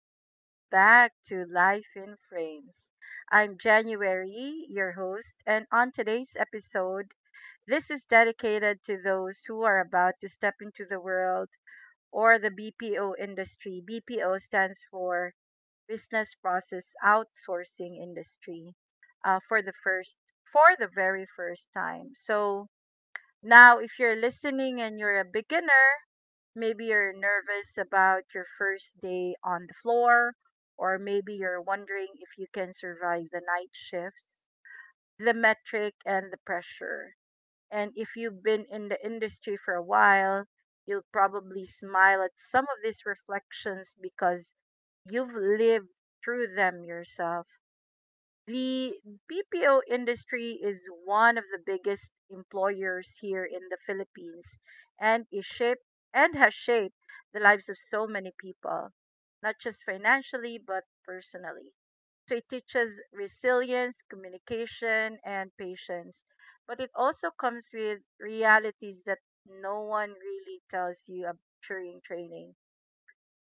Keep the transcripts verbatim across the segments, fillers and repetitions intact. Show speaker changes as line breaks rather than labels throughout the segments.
welcome back to Life in Frames. I'm January, your host, and on today's episode, this is dedicated to those who are about to step into the world or the B P O industry. B P O stands for Business Process Outsourcing Industry uh, for the first for the very first time. So now if you're listening and you're a beginner, maybe you're nervous about your first day on the floor, or maybe you're wondering if you can survive the night shifts, the metric, and the pressure. And if you've been in the industry for a while, you'll probably smile at some of these reflections because you've lived through them yourself. The B P O industry is one of the biggest employers here in the Philippines and is shaped and has shaped the lives of so many people, not just financially but personally. So it teaches resilience, communication and patience, but it also comes with realities that no one really tells you ab- during training.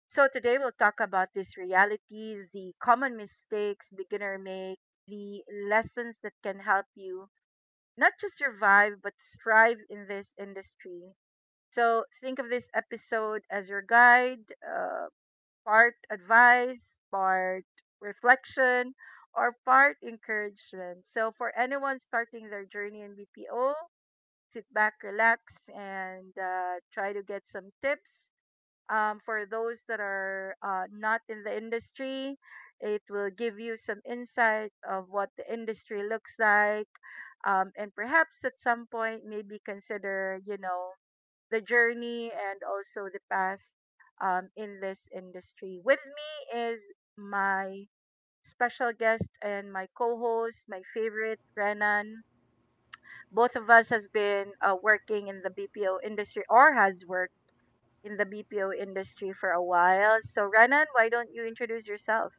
So today we'll talk about these realities, the common mistakes beginner make, the lessons that can help you not just survive but thrive in this industry. So think of this episode as your guide, uh, part advice, part reflection, or part encouragement. So for anyone starting their journey in B P O, sit back, relax, and uh, try to get some tips um, for those that are uh, not in the industry. It will give you some insight of what the industry looks like, um, and perhaps at some point maybe consider, you know, the journey and also the path um, in this industry. With me is my special guest and my co-host, my favorite Renan. Both of us has been uh, working in the B P O industry or has worked in the B P O industry for a while. So, Renan, why don't you introduce yourself?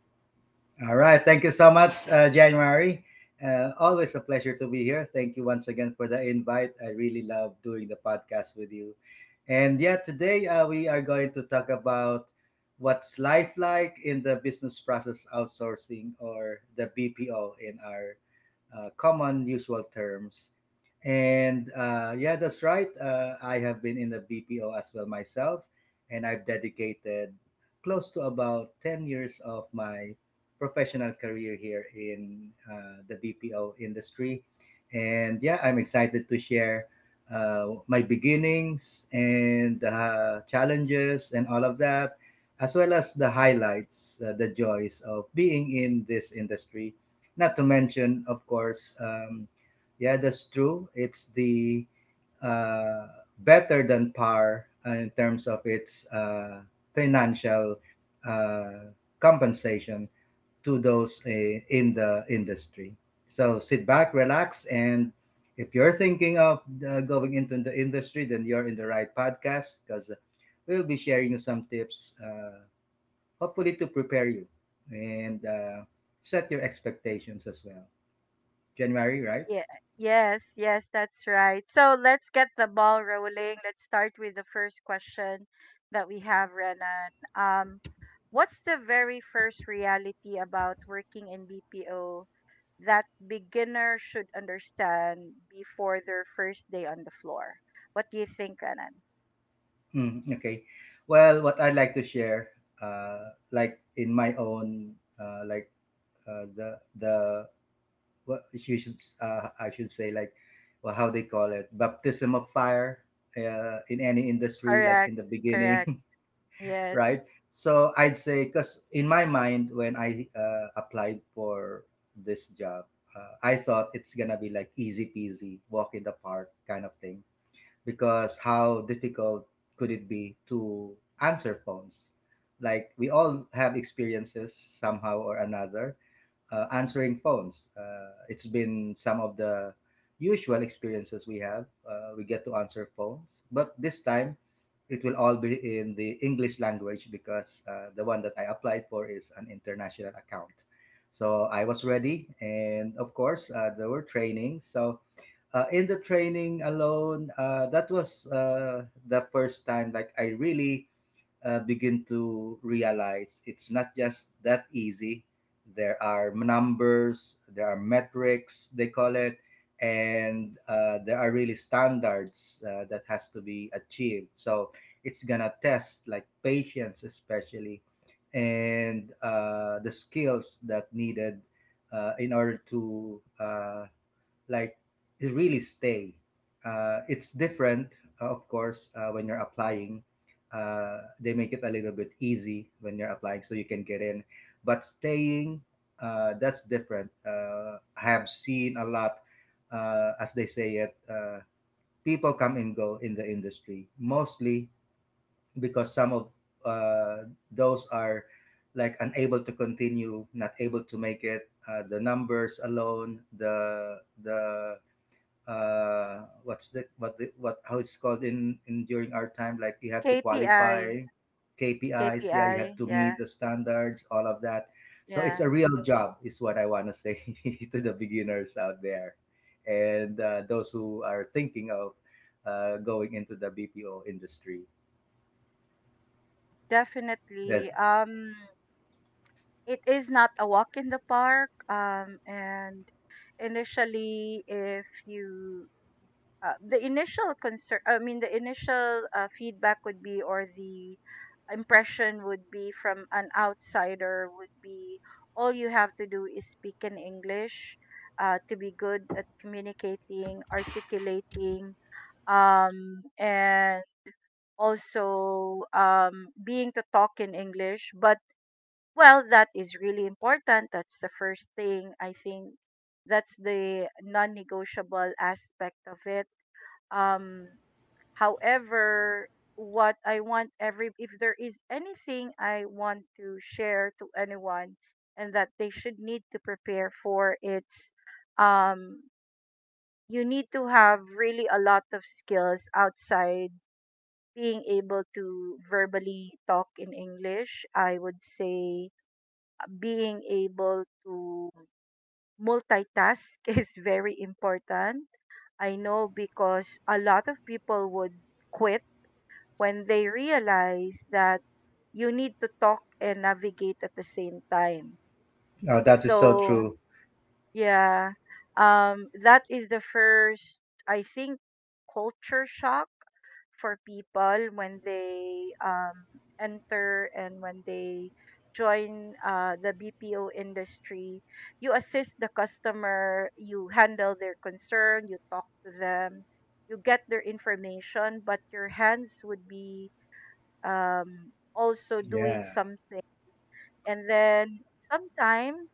All right. Thank you so much, uh, January. Uh, always a pleasure to be here. Thank you once again for the invite. I really love doing the podcast with you. And yeah, today uh, we are going to talk about what's life like in the business process outsourcing or the B P O in our uh, common usual terms. And uh, yeah, that's right. Uh, I have been in the B P O as well myself, and I've dedicated close to about ten years of my professional career here in uh, the B P O industry. And yeah, I'm excited to share uh, my beginnings and uh, challenges and all of that, as well as the highlights, uh, the joys of being in this industry. Not to mention, of course, um, yeah, that's true. It's the uh, better than par uh, in terms of its uh, financial uh, compensation to those uh, in the industry. So sit back, relax, and if you're thinking of uh, going into the industry, then you're in the right podcast because we'll be sharing you some tips, uh, hopefully to prepare you and uh, set your expectations as well. January, right?
Yeah, yes, yes, that's right. So, let's get the ball rolling. Let's start with the first question that we have, Renan. Um, what's the very first reality about working in B P O that beginner should understand before their first day on the floor? What do you think, Renan?
Mm, okay. Well, what I'd like to share, uh, like in my own, uh, like uh, the the what you should uh, I should say, like, well, how they call it, baptism of fire uh, in any industry, like
Correct,
in the
correct.
beginning.
Yes.
Right. So I'd say, because in my mind when I uh, applied for this job, uh, I thought it's gonna be like easy peasy, walk in the park kind of thing, because how difficult could it be to answer phones? Like we all have experiences somehow or another uh, answering phones. Uh, it's been some of the usual experiences we have. Uh, we get to answer phones, but this time it will all be in the English language, because uh, the one that I applied for is an international account. So I was ready, and of course, uh, there were trainings. So uh, in the training alone, uh, that was uh, the first time, like, I really uh, begin to realize it's not just that easy. There are numbers, there are metrics, they call it, and uh, there are really standards uh, that has to be achieved. So it's gonna test like patience, especially, and uh, the skills that needed uh, in order to uh, like really stay. Uh, it's different, uh, of course, uh, when you're applying. Uh, they make it a little bit easy when you're applying, so you can get in. But staying, uh, that's different. Uh, I have seen a lot, uh, as they say it, uh, people come and go in the industry, mostly because some of uh, those are like unable to continue, not able to make it. Uh, the numbers alone, the the uh what's the what the what how it's called, in in during our time, like you have to
KPI,
qualify. K P I s, yeah, you have
KPI.
to
Yeah,
meet the standards, all of that. So it's
yeah.
a real job, is what I want to say. To the beginners out there, and uh, those who are thinking of uh, going into the B P O industry, that's...
Definitely. Um, it is not a walk in the park. Um, and initially, if you uh, the initial concern, I mean, the initial uh, feedback would be, or the impression would be from an outsider, would be all you have to do is speak in English, uh, to be good at communicating, articulating, um, and also um, being to talk in English. But well, that is really important. That's the first thing. I think that's the non-negotiable aspect of it. Um, However, what I want every if there is anything I want to share to anyone and that they should need to prepare for, it's um, you need to have really a lot of skills outside being able to verbally talk in English. I would say being able to multitask is very important. I know because a lot of people would quit when they realize that you need to talk and navigate at the same time.
Oh, that is so
So,
true.
yeah, um, that is the first, I think, culture shock for people when they um, enter and when they join uh, the B P O industry. You assist the customer, you handle their concern, you talk to them, you get their information, but your hands would be um, also doing
Yeah,
something. And then sometimes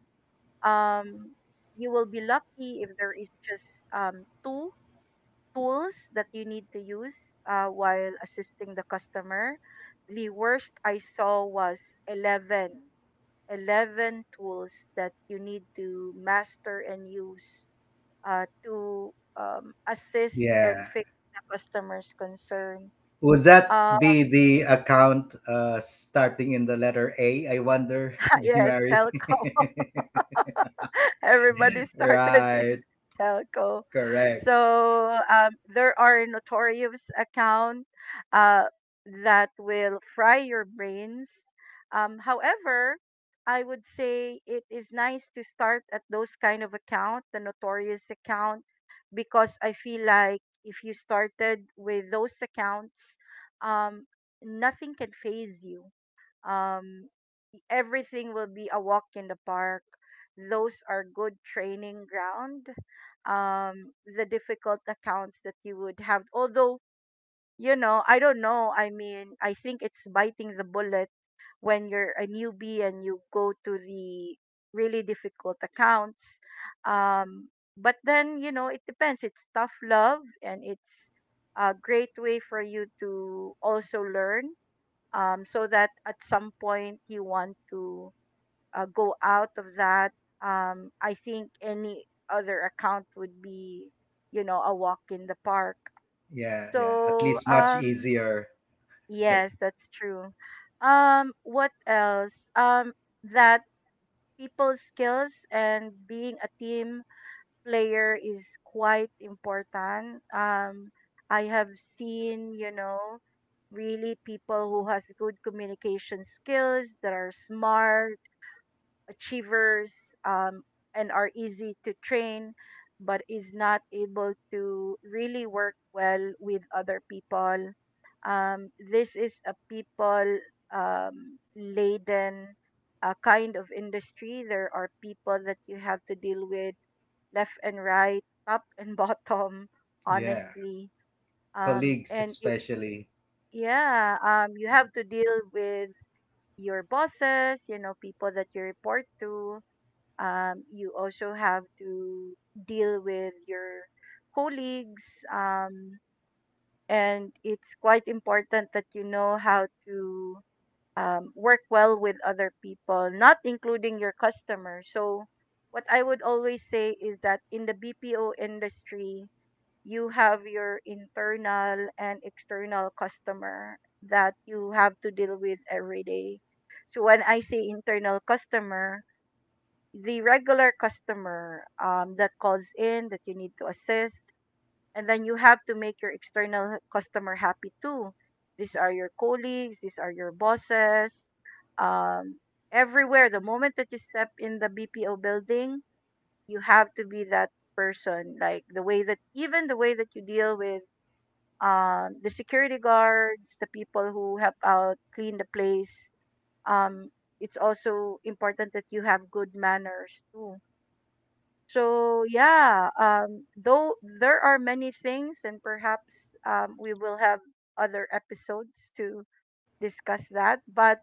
um, you will be lucky if there is just um, two tools that you need to use uh, while assisting the customer. The worst I saw was eleven, eleven tools that you need to master and use uh, to um, assist and
yeah.
fix the customer's concern.
Would that
Uh,
be the account uh, starting in the letter A, I wonder,
yes,
January?
telco. Everybody started in
Right.
telco.
Correct.
So um, there are notorious account uh, that will fry your brains. Um, however, I would say it is nice to start at those kind of account, the notorious account, because I feel like if you started with those accounts, um, nothing can phase you. Um, Everything will be a walk in the park. Those are good training ground. Um, the difficult accounts that you would have, although, you know, I don't know. I mean, I think it's biting the bullet when you're a newbie and you go to the really difficult accounts. Um, but then you know, it depends. It's tough love, and it's a great way for you to also learn um, so that at some point you want to uh, go out of that. Um, I think any other account would be, you know, a walk in the park.
Yeah. Yeah. At
So,
least much
um,
easier.
yes, that's true. Um, what else? Um, that people skills and being a team player is quite important. Um, I have seen, you know, really people who has good communication skills that are smart achievers um, and are easy to train but is not able to really work well with other people. Um, this is a people um, laden uh, kind of industry. There are people that you have to deal with left and right, top and bottom,
Yeah.
honestly, um,
Colleagues,
and it,
especially.
yeah, um, you have to deal with your bosses, you know, people that you report to. Um, you also have to deal with your colleagues, um, and it's quite important that you know how to um, work well with other people, not including your customers. So what I would always say is that in the BPO industry, you have your internal and external customer that you have to deal with every day. So when I say internal customer, the regular customer um, that calls in that you need to assist, and then you have to make your external customer happy too. These are your colleagues, these are your bosses. um, Everywhere the moment that you step in the BPO building, you have to be that person, like the way that even the way that you deal with um, the security guards, the people who help out clean the place. um, it's also important that you have good manners too. So yeah, um, though there are many things, and perhaps um, we will have other episodes to discuss that. But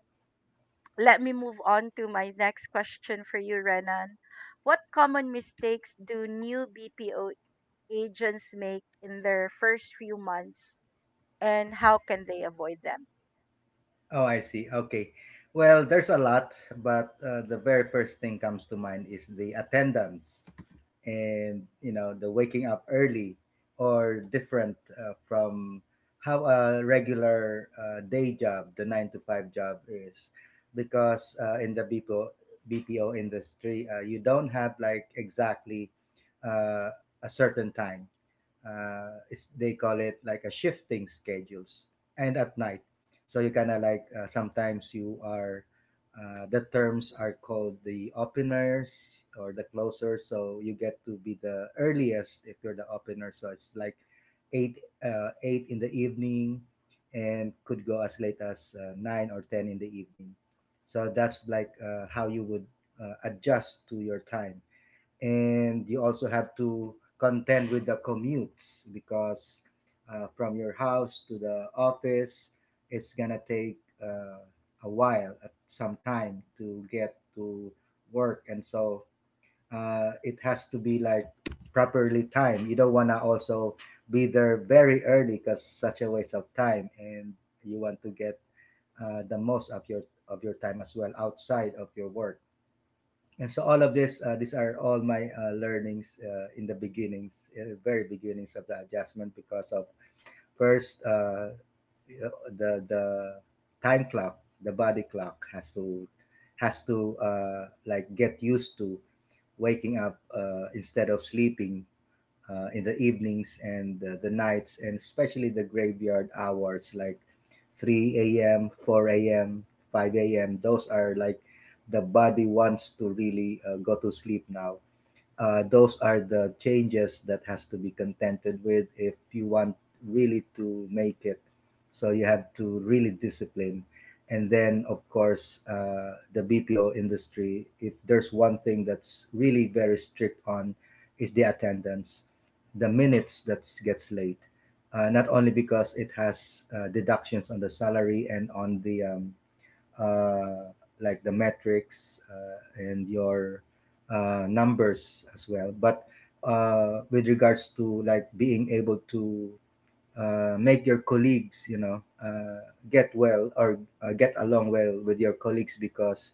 let me move on to my next question for you, Renan. What common mistakes do new B P O agents make in their first few months, and how can they avoid them?
Oh, I see. Okay. Well, there's a lot, but uh, the very first thing comes to mind is the attendance and, you know, the waking up early, or different uh, from how a regular uh, day job, the nine to five job, is. Because uh, in the B P O, B P O industry, uh, you don't have like exactly uh, a certain time. Uh, it's, they call it like a shifting schedules, and at night, so you kind of like uh, sometimes you are, uh, the terms are called the openers or the closers, so you get to be the earliest if you're the opener. So it's like eight uh, eight in the evening, and could go as late as uh, nine or ten in the evening. So that's like uh, how you would uh, adjust to your time. And you also have to contend with the commutes, because uh, from your house to the office it's gonna take uh, a while, uh, some time, to get to work. And so uh, it has to be like properly timed. You don't want to also be there very early, because such a waste of time, and you want to get uh, the most of your of your time as well outside of your work. And so all of this, uh, these are all my uh, learnings uh, in the beginnings, uh, very beginnings of the adjustment, because of first, uh, the the time clock, the body clock has to, has to uh, like get used to waking up uh, instead of sleeping uh, in the evenings and uh, the nights, and especially the graveyard hours like three a m, four a m, five a m. Those are like, the body wants to really uh, go to sleep now. Uh, those are the changes that has to be contented with if you want really to make it. So you have to really discipline. And then of course, uh, the bpo industry, if there's one thing that's really very strict on, is the attendance. The minutes that gets late, uh, not only because it has uh, deductions on the salary and on the um, uh, like the metrics uh, and your uh, numbers as well. But uh, with regards to, like, being able to uh, make your colleagues, you know, uh, get well or uh, get along well with your colleagues, because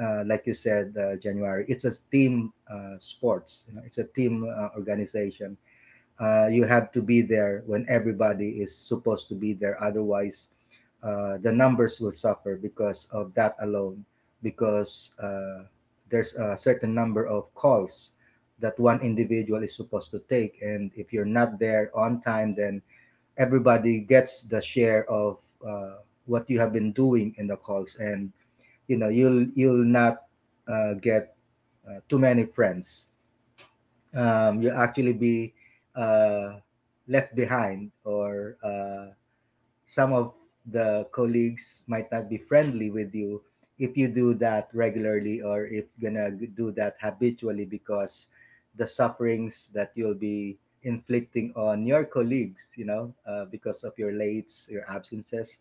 uh, like you said, uh, January, it's a team uh, sports. You know, it's a team uh, organization. Uh, you have to be there when everybody is supposed to be there. Otherwise, uh, the numbers will suffer because of that alone, because uh, there's a certain number of calls that one individual is supposed to take. And if you're not there on time, then everybody gets the share of uh, what you have been doing in the calls. And you know, you'll, you'll not uh, get uh, too many friends. Um, you'll actually be uh, left behind, or uh, some of the colleagues might not be friendly with you if you do that regularly or if gonna do that habitually, because the sufferings that you'll be inflicting on your colleagues, you know, uh, because of your lates, your absences,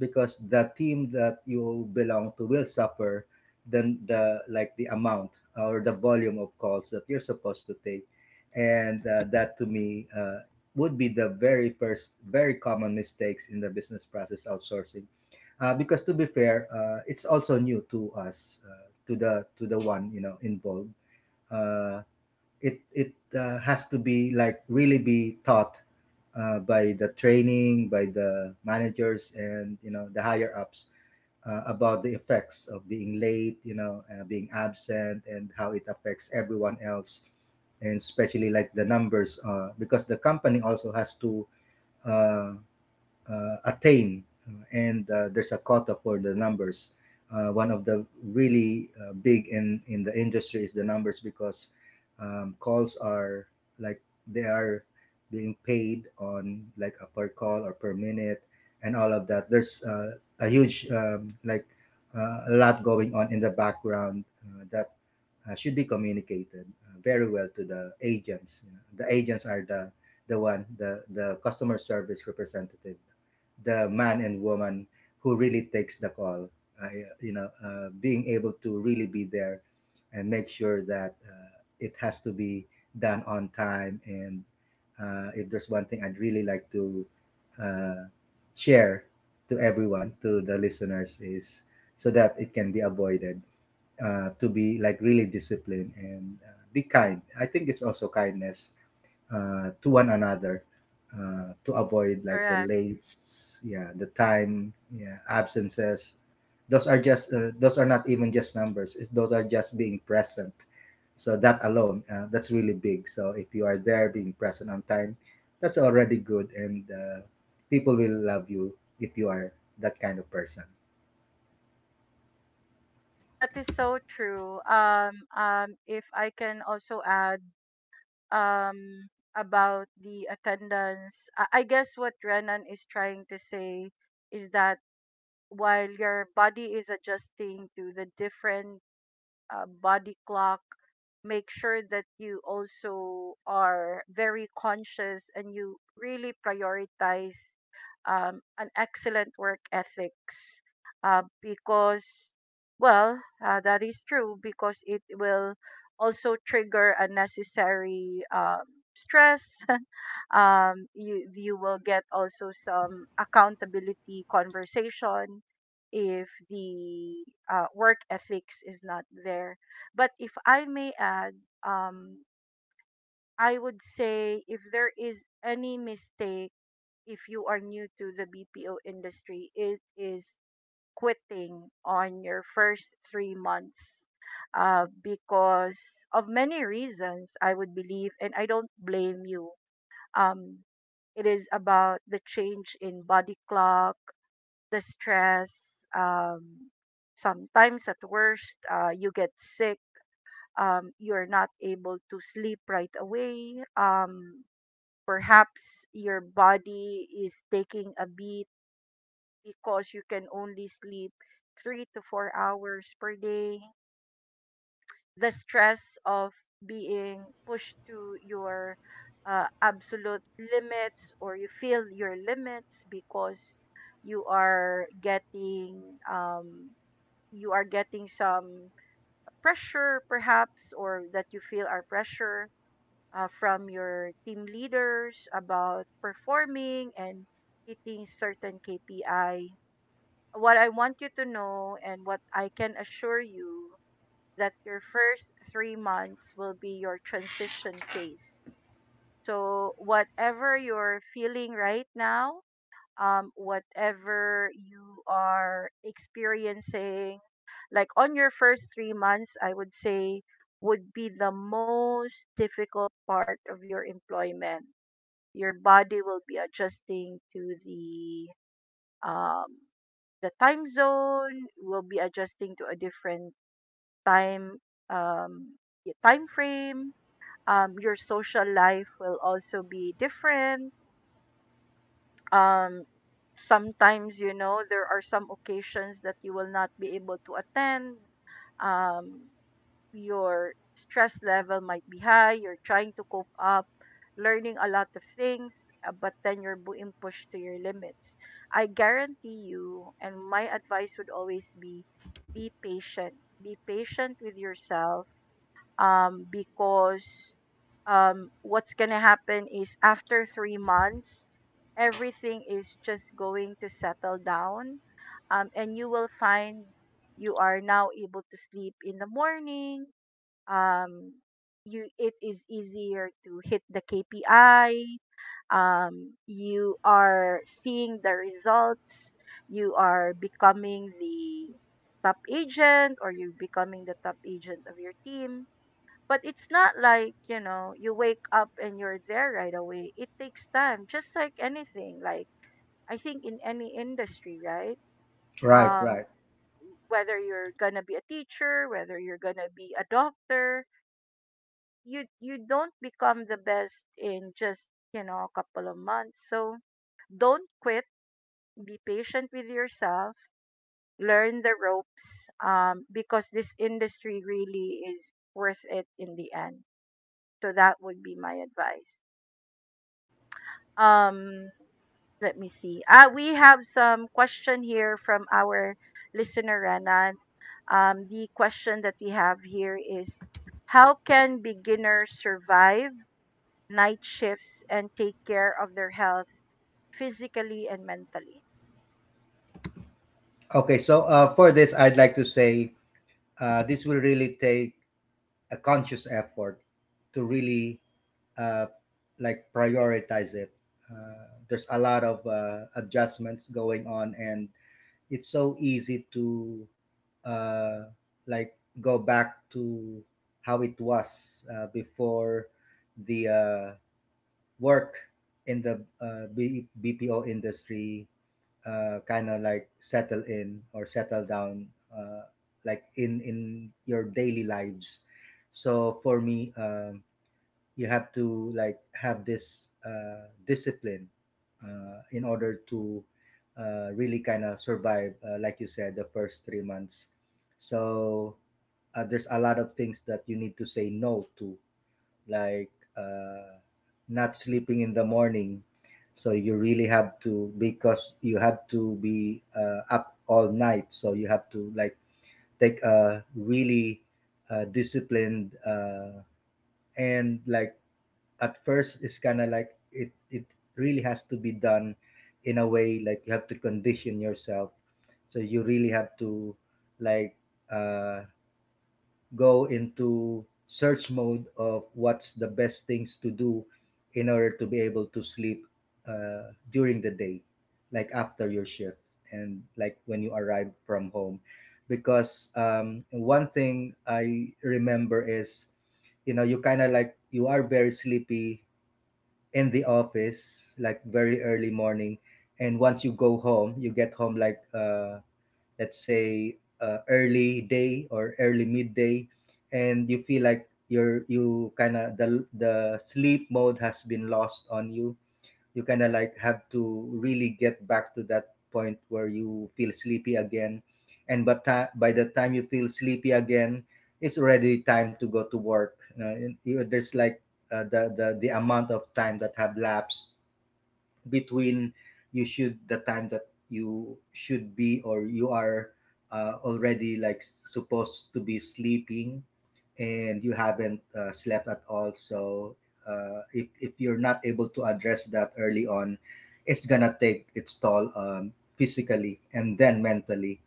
because the team that you belong to will suffer. Then the, like, the amount or the volume of calls that you're supposed to take. And uh, that to me uh, would be the very first, very common mistakes in the business process outsourcing, uh, because to be fair, uh, it's also new to us, uh, to the to the one, you know, involved. uh, it it uh, has to be like really be taught uh, by the training, by the managers and, you know, the higher ups uh, about the effects of being late, you know, uh, being absent and how it affects everyone else, and especially like the numbers, uh, because the company also has to 呃，uh, attain, uh, and uh, there's a quota for the numbers. Uh, one of the really uh, big in in the industry is the numbers, because um, calls are like, they are being paid on like a per call or per minute, and all of that. There's uh, a huge um, like uh, a lot going on in the background uh, that uh, should be communicated uh, very well to the agents. You know, the agents are the the one, the the customer service representative, the man and woman who really takes the call. I, you know, uh, being able to really be there and make sure that uh, it has to be done on time. And uh, if there's one thing I'd really like to uh, share to everyone, to the listeners, is so that it can be avoided. Uh, to be like really disciplined, and uh, be kind. I think it's also kindness uh, to one another, uh, to avoid like the
Correct.
late, yeah, the time, yeah, absences. Those are just, uh, those are not even just numbers, it's, those are just being present. So that alone, uh, that's really big. So if you are there being present on time, that's already good. And uh, people will love you if you are that kind of person.
That is so true. Um, um, if I can also add um about the attendance, I, I guess what Renan is trying to say is that while your body is adjusting to the different uh, body clock, make sure that you also are very conscious and you really prioritize um, an excellent work ethics uh, because well uh, that is true because it will also trigger unnecessary um, stress um, you you will get also some accountability conversation if the uh, work ethics is not there. But if I may add, um, I would say if there is any mistake, if you are new to the B P O industry, it is quitting on your first three months uh, because of many reasons, I would believe, and I don't blame you. Um, it is about the change in body clock, the stress. Um, sometimes, at worst, uh, you get sick. Um, you're not able to sleep right away. Um, perhaps your body is taking a beat because you can only sleep three to four hours per day. The stress of being pushed to your uh, absolute limits, or you feel your limits because you are getting um, you are getting some pressure perhaps, or that you feel are pressure uh, from your team leaders about performing and hitting certain K P I. What I want you to know and what I can assure you that your first three months will be your transition phase. So whatever you're feeling right now, um, whatever you are experiencing. Like on your first three months, I would say would be the most difficult part of your employment. Your body will be adjusting to the um, the time zone. Will be adjusting to a different time um, y- time frame. Um, your social life will also be different. um Sometimes, you know, there are some occasions that you will not be able to attend. um your stress level might be high, you're trying to cope up, learning a lot of things, uh, but then you're being pushed to your limits. I guarantee you, and my advice would always be be patient. Be patient with yourself, um, because um, what's gonna happen is after three months, everything is just going to settle down, um, and you will find you are now able to sleep in the morning. Um, you It is easier to hit the K P I. Um, you are seeing the results. You are becoming the top agent, or you're becoming the top agent of your team. But it's not like, you know, you wake up and you're there right away. It takes time, just like anything. Like, I think in any industry, right?
Right,
Um,
right.
whether you're gonna be a teacher, whether you're gonna be a doctor, you you don't become the best in just, you know, a couple of months. So don't quit. Be patient with yourself. Learn the ropes, um, because this industry really is worth it in the end. So that would be my advice. Um, Let me see. Uh, we have some question here from our listener Renan. Um, the question that we have here is, how can beginners survive night shifts and take care of their health physically and mentally?
Okay, so uh, for this I'd like to say uh, this will really take a conscious effort to really, uh, like, prioritize it. Uh, there's a lot of uh, adjustments going on, and it's so easy to uh, like go back to how it was uh, before the uh, work in the uh, B- BPO industry, uh, kind of like settle in or settle down, uh, like in in your daily lives. So for me, um, you have to like have this uh, discipline uh, in order to uh, really kind of survive, uh, like you said, the first three months. So uh, there's a lot of things that you need to say no to, like, uh, not sleeping in the morning. So you really have to, because you have to be uh, up all night. So you have to like take a really uh, disciplined, uh, and like at first it's kind of like it it really has to be done in a way, like you have to condition yourself. So you really have to like uh go into search mode of what's the best things to do in order to be able to sleep uh, during the day, like after your shift and like when you arrive from home. Because um, one thing I remember is, you know, you kind of like you are very sleepy in the office, like very early morning. And once you go home, you get home like uh, let's say uh, early day or early midday, and you feel like you're, you kind of, the the sleep mode has been lost on you. You kind of like have to really get back to that point where you feel sleepy again. And but ti by the time you feel sleepy again, it's already time to go to work, you know, and you- there's like uh, the, the the amount of time that have lapsed between you should, the time that you should be, or you are uh, already like s- supposed to be sleeping, and you haven't uh, slept at all. So uh, if, if you're not able to address that early on, it's gonna take its toll, um, physically and then mentally.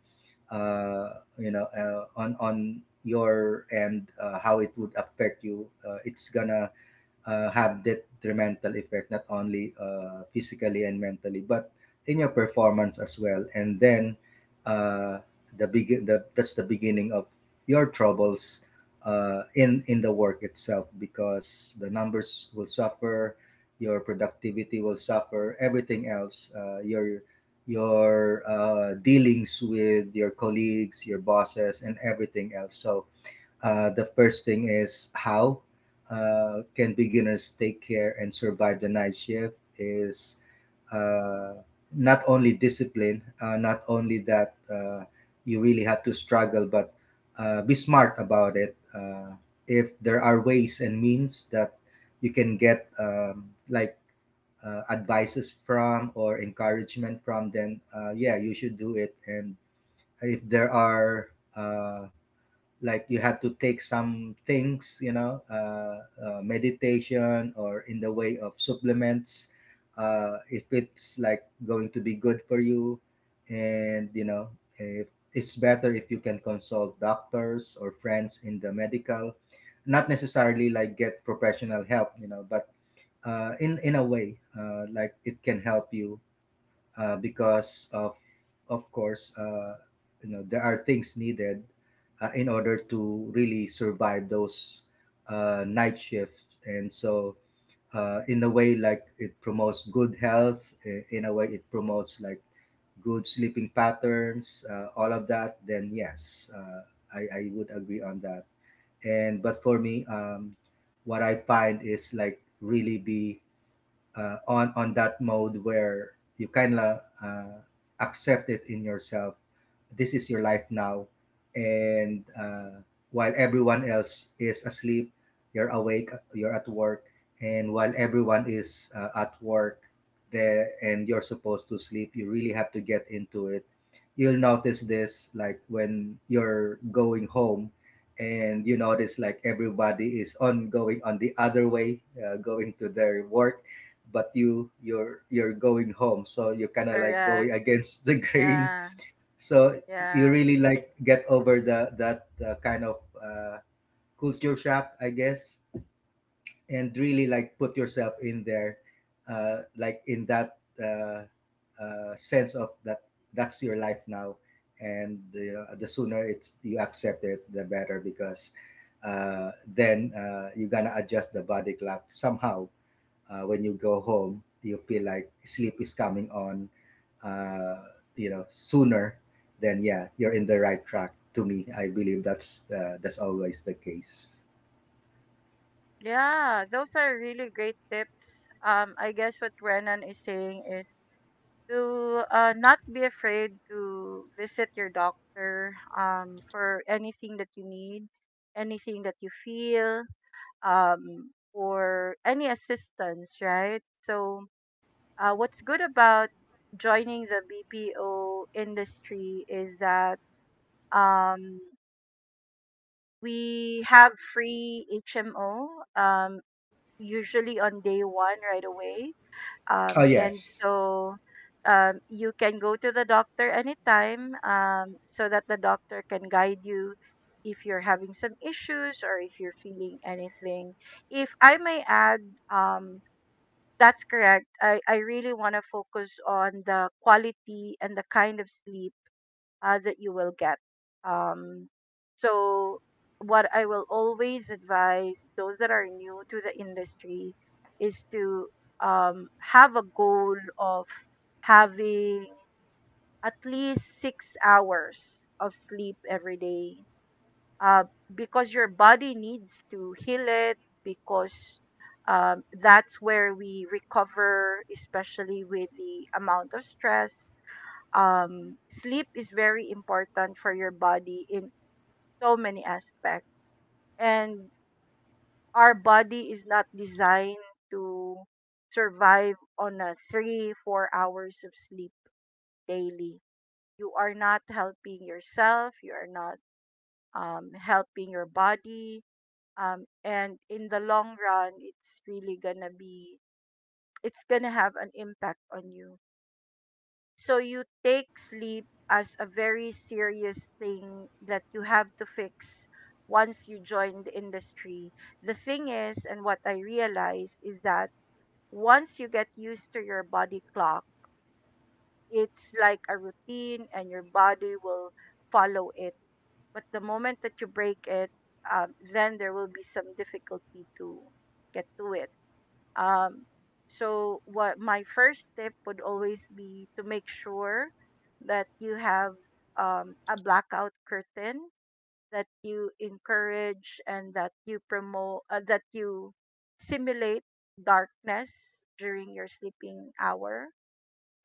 uh, you know, uh, on on your end, uh, how it would affect you, uh, it's gonna uh, have that detrimental effect not only uh, physically and mentally but in your performance as well. And then uh, the big the, that's the beginning of your troubles uh, in in the work itself, because the numbers will suffer, your productivity will suffer, everything else, uh, your your uh, dealings with your colleagues, your bosses, and everything else. So uh, the first thing is, how uh, can beginners take care and survive the night shift is uh, not only discipline, uh, not only that, uh, you really have to struggle, but uh, be smart about it. Uh, if there are ways and means that you can get, um, like uh, advices from or encouragement from, then, uh, yeah, you should do it. And if there are uh, like, you have to take some things, you know, uh, uh, meditation or in the way of supplements, uh, if it's like going to be good for you, and you know, if it's better if you can consult doctors or friends in the medical, not necessarily like get professional help, you know, but uh, in in a way, uh, like it can help you uh, because of of course, uh, you know, there are things needed uh, in order to really survive those uh, night shifts. And so uh, in a way, like it promotes good health, i- in a way it promotes like good sleeping patterns, uh, all of that, then yes, uh, I, I would agree on that. And but for me, um, what I find is like, really be uh, on on that mode where you kind of uh, accept it in yourself. This is your life now, and uh, while everyone else is asleep, you're awake. You're at work, and while everyone is uh, at work, there, and you're supposed to sleep, you really have to get into it. You'll notice this like when you're going home and you notice like everybody is on going on the other way, uh, going to their work, but you you're you're going home, so you kind of like
Correct.
going against the grain.
Yeah,
So you
yeah,
really like get over the that uh, kind of uh, culture shock, I guess, and really like put yourself in there, uh, like in that uh, uh, sense of that, that's your life now. And the, the sooner it's you accept it, the better, because uh, then uh, you're gonna adjust the body clock somehow. Uh, when you go home, you feel like sleep is coming on, uh, you know, sooner, then yeah, you're in the right track. To me, I believe that's uh, that's always the case.
yeah. Those are really great tips. Um, I guess what Renan is saying is to uh, not be afraid to visit your doctor um, for anything that you need, anything that you feel, um, or any assistance, right? So, uh, what's good about joining the B P O industry is that um, we have free H M O, um, usually on day one right away,
Oh
um, and
yes,
so um, you can go to the doctor anytime, um, so that the doctor can guide you if you're having some issues or if you're feeling anything. If I may add, um, that's correct. I, I really want to focus on the quality and the kind of sleep uh, that you will get. Um, so, what I will always advise those that are new to the industry is to, um, have a goal of having at least six hours of sleep every day, uh, because your body needs to heal it, because, um, that's where we recover, especially with the amount of stress. Um, sleep is very important for your body in so many aspects. And our body is not designed to survive on a three, four hours of sleep daily. You are not helping yourself, you are not um, helping your body. Um, and in the long run, it's really gonna be, it's gonna have an impact on you. So you take sleep as a very serious thing that you have to fix once you join the industry. The thing is, and what I realize is that once you get used to your body clock, it's like a routine and your body will follow it. But the moment that you break it, um, then there will be some difficulty to get to it. Um, so what my first tip would always be to make sure that you have, um, a blackout curtain, that you encourage and that you promote, uh, that you simulate darkness during your sleeping hour.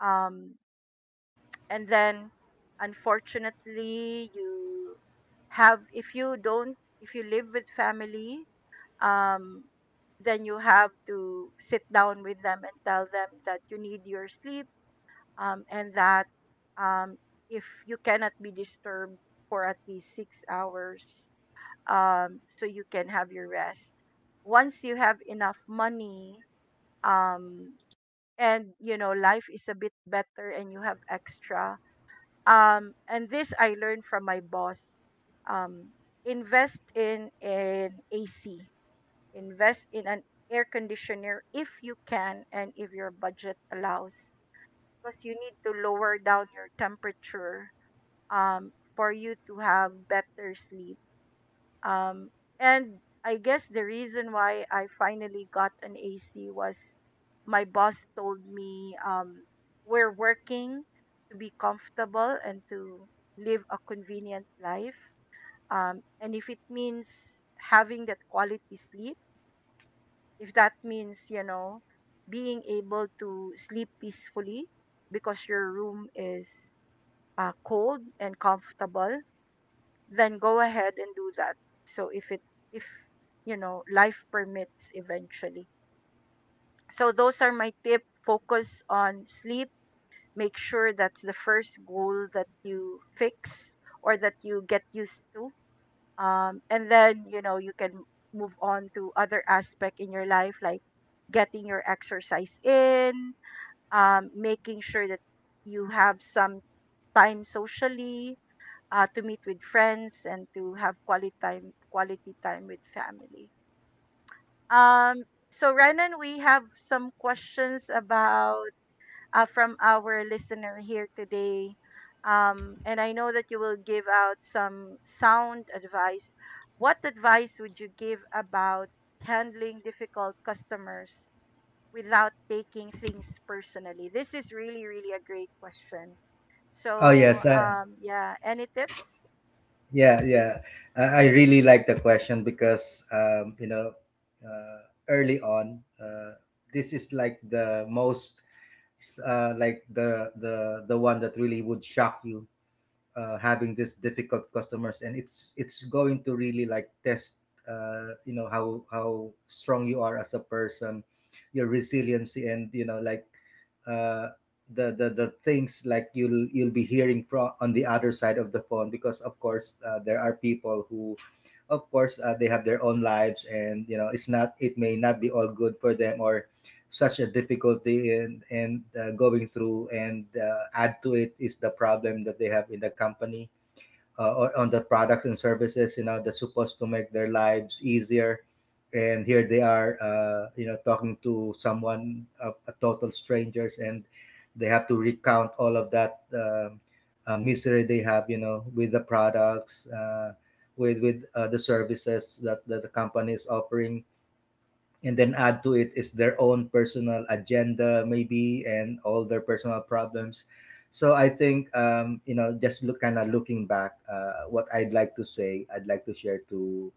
Um, and then, unfortunately, you have if you don't if you live with family, um, then you have to sit down with them and tell them that you need your sleep, um, and that, um, if you cannot be disturbed for at least six hours, um, so you can have your rest once you have enough money, um, and you know life is a bit better and you have extra. Um, and this I learned from my boss: um, invest in an AC. Invest in an air conditioner if you can and if your budget allows. Because you need to lower down your temperature, um, for you to have better sleep. Um, and I guess the reason why I finally got an A C was my boss told me, um, we're working to be comfortable and to live a convenient life. Um, and if it means having that quality sleep, if that means, you know, being able to sleep peacefully because your room is uh, cold and comfortable, then go ahead and do that. So if it if you know life permits eventually. So those are my tip: focus on sleep, make sure that's the first goal that you fix or that you get used to, um, and then, you know, you can move on to other aspect in your life, like getting your exercise in, um, making sure that you have some time socially, uh, to meet with friends and to have quality time quality time with family. um, so, Renan, we have some questions about, uh, from our listener here today. Um, and I know that you will give out some sound advice. What advice would you give about handling difficult customers without taking things personally? This is really, really a great question.
oh
So,
yes, uh,
um, yeah, any tips?
yeah, yeah. I, I really like the question, because um, you know, uh, early on, uh, this is like the most uh, like the the the one that really would shock you, uh, having this difficult customers, and it's it's going to really like test, uh, you know, how how strong you are as a person, your resiliency, and you know, like uh, the, the the things like you'll you'll be hearing from on the other side of the phone, because of course uh, there are people who, of course, uh, they have their own lives, and you know, it's not, it may not be all good for them, or such a difficulty, and and uh, going through, and uh, add to it is the problem that they have in the company uh, or on the products and services, you know, that's supposed to make their lives easier. And here they are, uh, you know, talking to someone, a, a total strangers, and they have to recount all of that, um uh, misery they have, you know, with the products, uh, with with uh, the services that, that the company is offering. And then add to it is their own personal agenda, maybe, and all their personal problems. So I think, um, you know, just look, kind of looking back, uh, what I'd like to say, I'd like to share to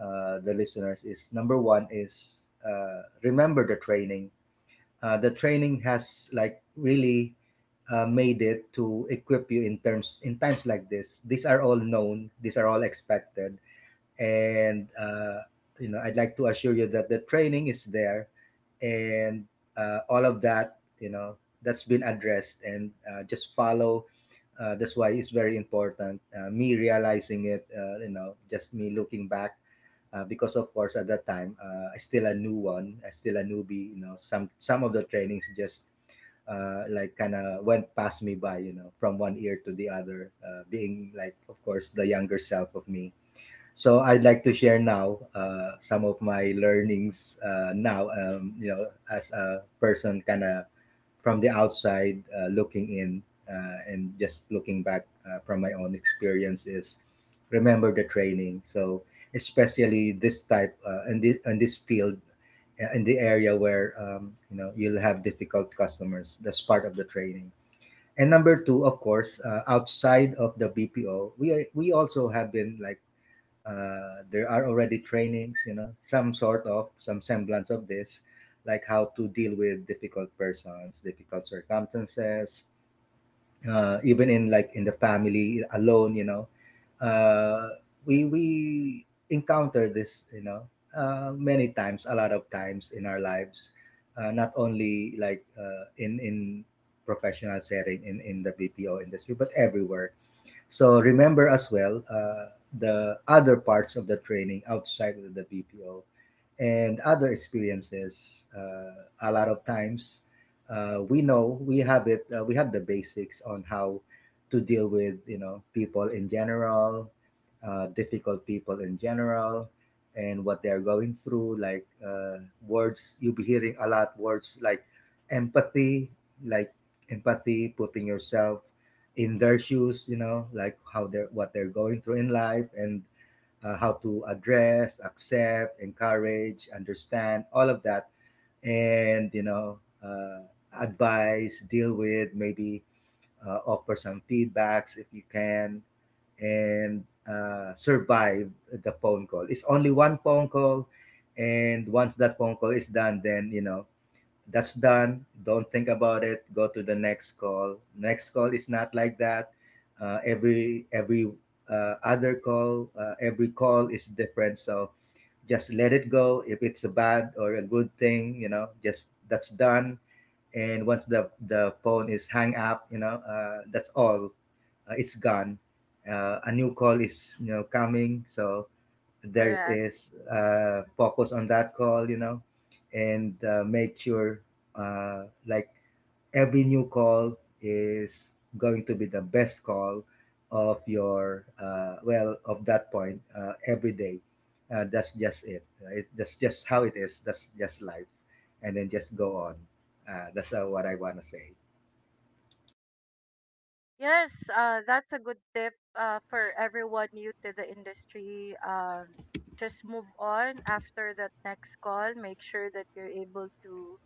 uh, the listeners is, number one is, uh, remember the training. Uh, the training has like really uh, made it to equip you, in terms, in times like this, these are all known, these are all expected. And uh, you know, I'd like to assure you that the training is there. And uh, all of that, you know, that's been addressed, and uh, just follow. Uh, that's why it's very important, uh, me realizing it, uh, you know, just me looking back, uh, because of course at that time, uh, I still a new one, I still a newbie, you know, some some of the trainings just uh, like kind of went past me by, you know, from one ear to the other, uh, being, like, of course, the younger self of me. So I'd like to share now uh, some of my learnings uh, now, um, you know, as a person, kind of from the outside uh, looking in, uh, and just looking back uh, from my own experience, is remember the training. So especially this type, uh, in this in this field, uh, in the area where, um, you know, you'll have difficult customers. That's part of the training. And number two, of course, uh, outside of the B P O, we we also have been like, uh, there are already trainings, you know, some sort of, some semblance of this, like how to deal with difficult persons, difficult circumstances, uh, even in, like, in the family alone, you know, uh, we we encounter this, you know, uh, many times, a lot of times in our lives, uh, not only like uh, in in professional setting, in in the B P O industry, but everywhere. So remember as well uh, the other parts of the training outside of the B P O and other experiences. Uh, a lot of times, uh, we know we have it. Uh, we have the basics on how to deal with, you know, people in general, uh, difficult people in general, and what they are going through. Like, uh, words, you'll be hearing a lot, words like empathy, like empathy, putting yourself in their shoes, you know, like how they're, what they're going through in life. And uh, how to address, accept, encourage, understand, all of that. And you know, uh, advise, deal with, maybe uh, offer some feedbacks if you can. And uh, survive the phone call. It's only one phone call, and once that phone call is done, then you know that's done. Don't think about it. Go to the next call. Next call is not like that. Uh, every every uh, other call, uh, every call is different. So just let it go. If it's a bad or a good thing, you know, just, that's done. And once the the phone is hung up, you know, uh, that's all. Uh, it's gone. Uh, a new call is, you know, coming. So there
Correct.
is uh, focus on that call, you know, and uh, make sure uh, like every new call is going to be the best call of your uh, well of that point uh, every day. Uh, that's just it. Right? That's just how it is. That's just life, and then just go on. Uh, that's uh, What I want to say.
Yes, uh, that's a good tip uh, for everyone new to the industry. Um, just move on after that next call. Make sure that you're able to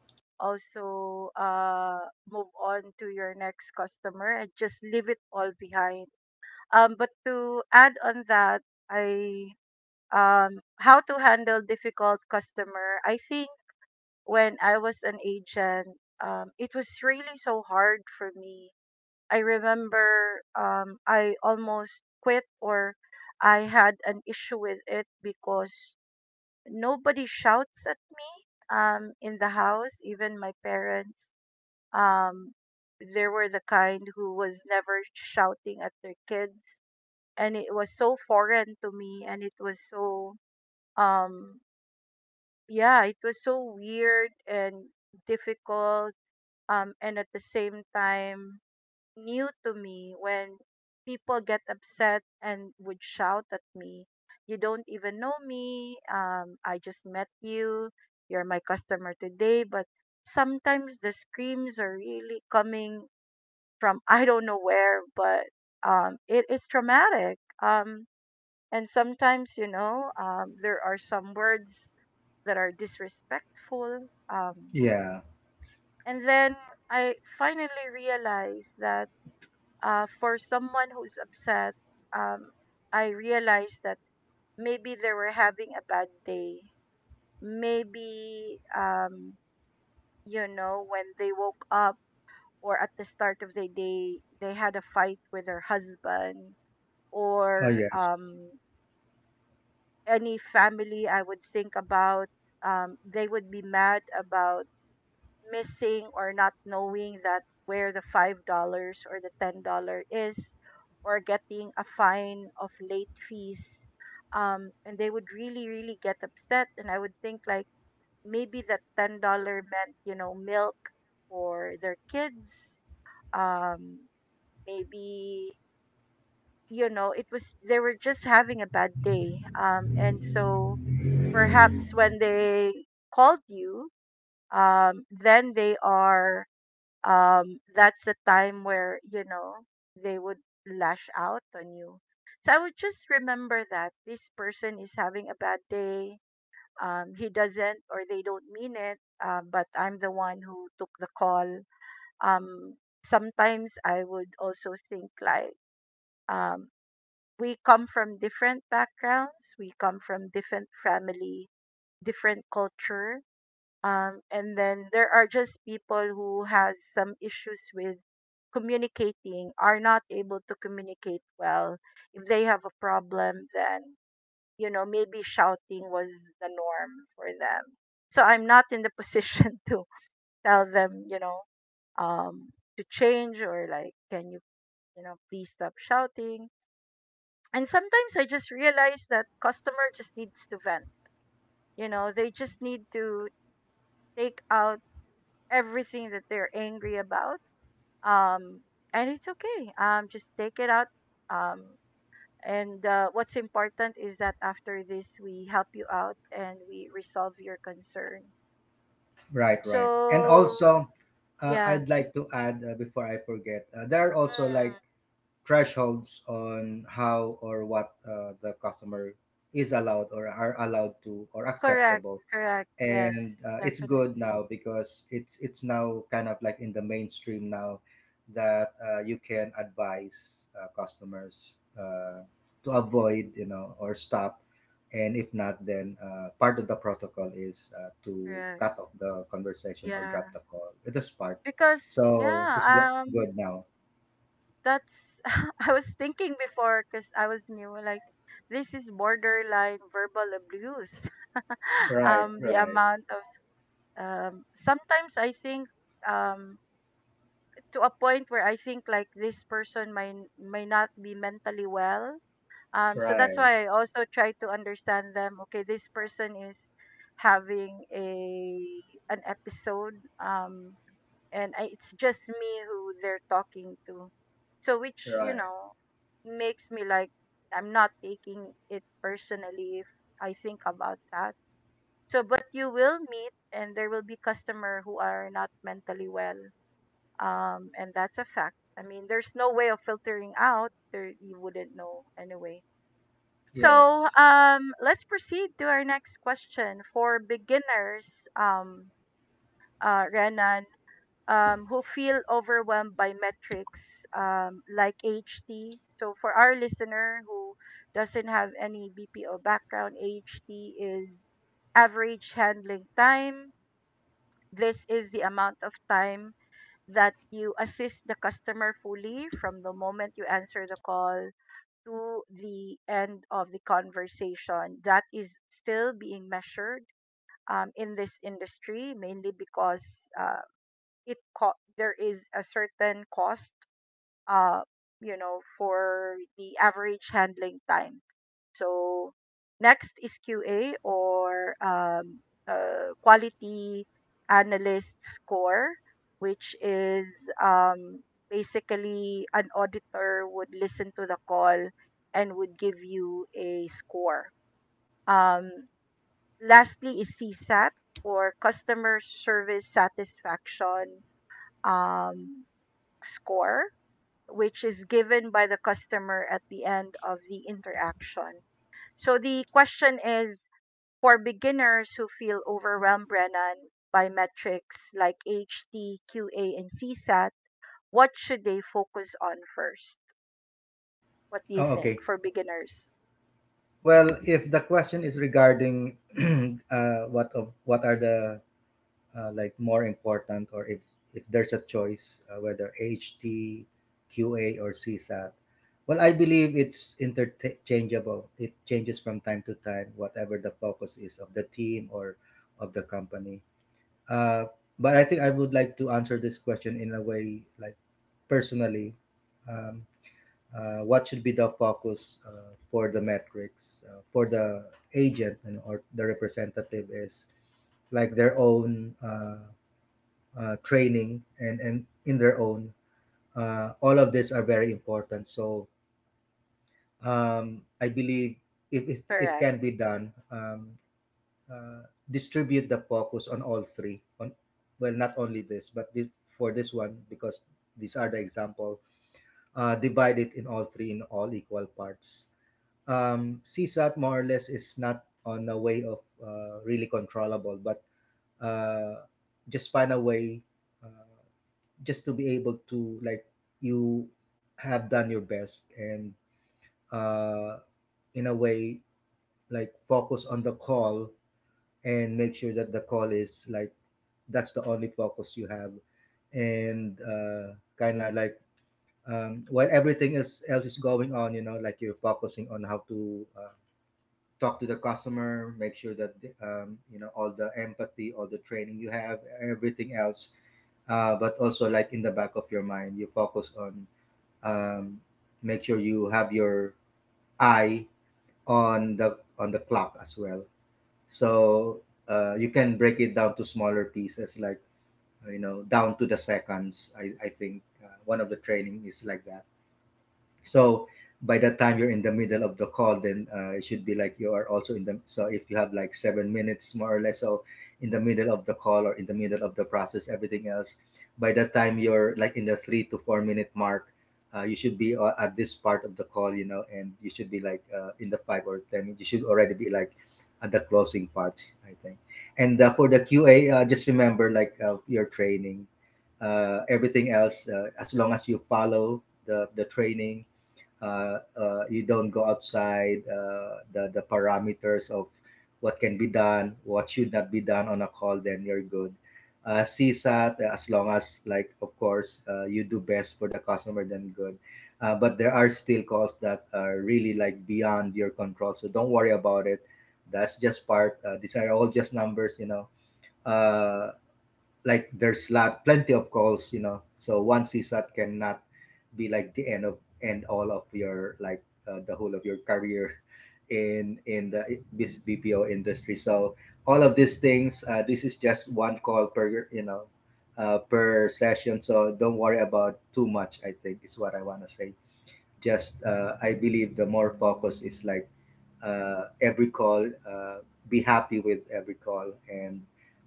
also uh, move on to your next customer and just leave it all behind. Um, but to add on that, I um, how to handle difficult customer. I think when I was an agent, um, it was really so hard for me. I remember, um, I almost quit, or I had an issue with it because nobody shouts at me, um, in the house, even my parents. Um, they were the kind who was never shouting at their kids. And it was so foreign to me, and it was so, um, yeah, it was so weird and difficult. Um, and at the same time, new to me when people get upset and would shout at me. You don't even know me, um, I just met you, you're my customer today, but sometimes the screams are really coming from I don't know where. But um, it is traumatic. um, and sometimes, you know um, there are some words that are disrespectful. um,
Yeah.
and then I finally realized that, uh, for someone who's upset, um, I realized that maybe they were having a bad day. Maybe, um, you know, when they woke up or at the start of the day, they had a fight with their husband,
Oh
or
yes.
um, any family I would think about. Um, they would be mad about missing or not knowing that where the five dollars or the ten dollar is, or getting a fine of late fees, um and they would really really get upset, and I would think like maybe that ten dollar meant, you know milk for their kids. um Maybe, you know it was they were just having a bad day, um and so perhaps when they called you, um then they are um that's the time where, you know they would lash out on you. So I would just remember that this person is having a bad day. um he doesn't or They don't mean it. Uh, but I'm the one who took the call. um Sometimes I would also think like, um we come from different backgrounds, we come from different family, different culture. Um, and then there are just people who has some issues with communicating, are not able to communicate well. If they have a problem, then, you know maybe shouting was the norm for them. So I'm not in the position to tell them, you know um, to change, or like, can you, you know please stop shouting. And sometimes I just realize that customer just needs to vent, you know they just need to take out everything that they're angry about. Um, and it's okay. Um, just take it out. Um, and uh, what's important is that after this, we help you out and we resolve your concern.
Right. Right. And
So,
also, uh,
yeah.
I'd like to add uh, before I forget, uh, there are also
Hmm.
like thresholds on how or what uh, the customer is allowed or are allowed to or
Correct.
acceptable,
Correct. Yes.
and uh, it's good
Definitely.
now because it's it's now kind of like in the mainstream now that uh, you can advise uh, customers uh, to avoid, you know, or stop, and if not then uh, part of the protocol is uh, to
Correct.
cut off the conversation or
Yeah.
drop the call. It is part,
Because,
so it's go-
yeah, um,
good now.
that's, I was thinking before because I was new, like, this is borderline verbal abuse.
Right,
um the
right.
amount of um, Sometimes I think, um, to a point where I think like this person may may not be mentally well. Um, so that's
Right,
why I also try to understand them. Okay, this person is having a an episode, um, and I, it's just me who they're talking to. So, which, you
right.
know makes me like I'm not taking it personally if I think about that. So, but you will meet, and there will be customer who are not mentally well, um, and that's a fact. I mean, there's no way of filtering out. There, you wouldn't know anyway. So,
Yes.
um, let's proceed to our next question for beginners, um, uh, Renan, um, who feel overwhelmed by metrics, um, like H T. So, for our listener who doesn't have any B P O background, H T is average handling time. This is the amount of time that you assist the customer fully from the moment you answer the call to the end of the conversation. That is still being measured, um, in this industry, mainly because, uh, it co- there is a certain cost, uh, you know, for the average handling time. So next is Q A, or um, uh, quality analyst score, which is, um, basically an auditor would listen to the call and would give you a score. Um, Lastly is CSAT, or customer service satisfaction um, score, which is given by the customer at the end of the interaction. So the question is for beginners who feel overwhelmed, Brennan, by metrics like H T Q A Q A, and CSAT, what should they focus on first? What do you
Oh,
think
okay.
for beginners?
Well, if the question is regarding uh, what of what are the uh, like more important, or if if there's a choice, uh, whether H T, Q A, or C SAT, well, I believe it's interchangeable. It changes from time to time, whatever the focus is of the team or of the company. Uh, but I think I would like to answer this question in a way like personally. Um, uh, what should be the focus uh, for the metrics uh, for the agent and or the representative is like their own uh, uh, training and and in their own uh, all of these are very important. So um, I believe if it, it
Correct.
can be done, um, uh, distribute the focus on all three on, well, not only this but this, for this one, because these are the example. Uh, divide it in all three in all equal parts. um, C SAT more or less is not on a way of uh, really controllable, but uh, just find a way uh, just to be able to like you have done your best, and uh, in a way like focus on the call and make sure that the call is like that's the only focus you have, and uh, kind of like, um, while everything is, else is going on, you know, like you're focusing on how to uh, talk to the customer, make sure that the- um, you know all the empathy, all the training you have, everything else. Uh, but also, like in the back of your mind, you focus on, um, make sure you have your eye on the on the clock as well. So uh, you can break it down to smaller pieces, like, you know, down to the seconds. I I think uh, one of the training is like that. So by the time you're in the middle of the call, then uh, it should be like you are also in the. So if you have like seven minutes more or less, so in the middle of the call or in the middle of the process, everything else, by the time you're like in the three to four minute mark, uh, you should be uh, at this part of the call, you know, and you should be like uh, in the five or ten. You should already be like at the closing parts, I think. And uh, for the Q A, uh, just remember like uh, your training, uh, everything else, uh, as long as you follow the the training, uh, uh, you don't go outside uh, the, the parameters of what can be done, what should not be done on a call, then you're good. Uh, C SAT, uh, as long as, like, of course, uh, you do best for the customer, then good. Uh, but there are still calls that are really like beyond your control. So don't worry about it. That's just part. Uh, these are all just numbers, you know. Uh, like there's lot plenty of calls, you know, so one CSAT cannot be like the end of end all of your like uh, the whole of your career in in the bus- BPO industry. So all of these things, uh, this is just one call per, you know, uh, per session. So don't worry about too much, I think is what I want to say. Just uh, I believe the more focus is like uh, every call, uh, be happy with every call, and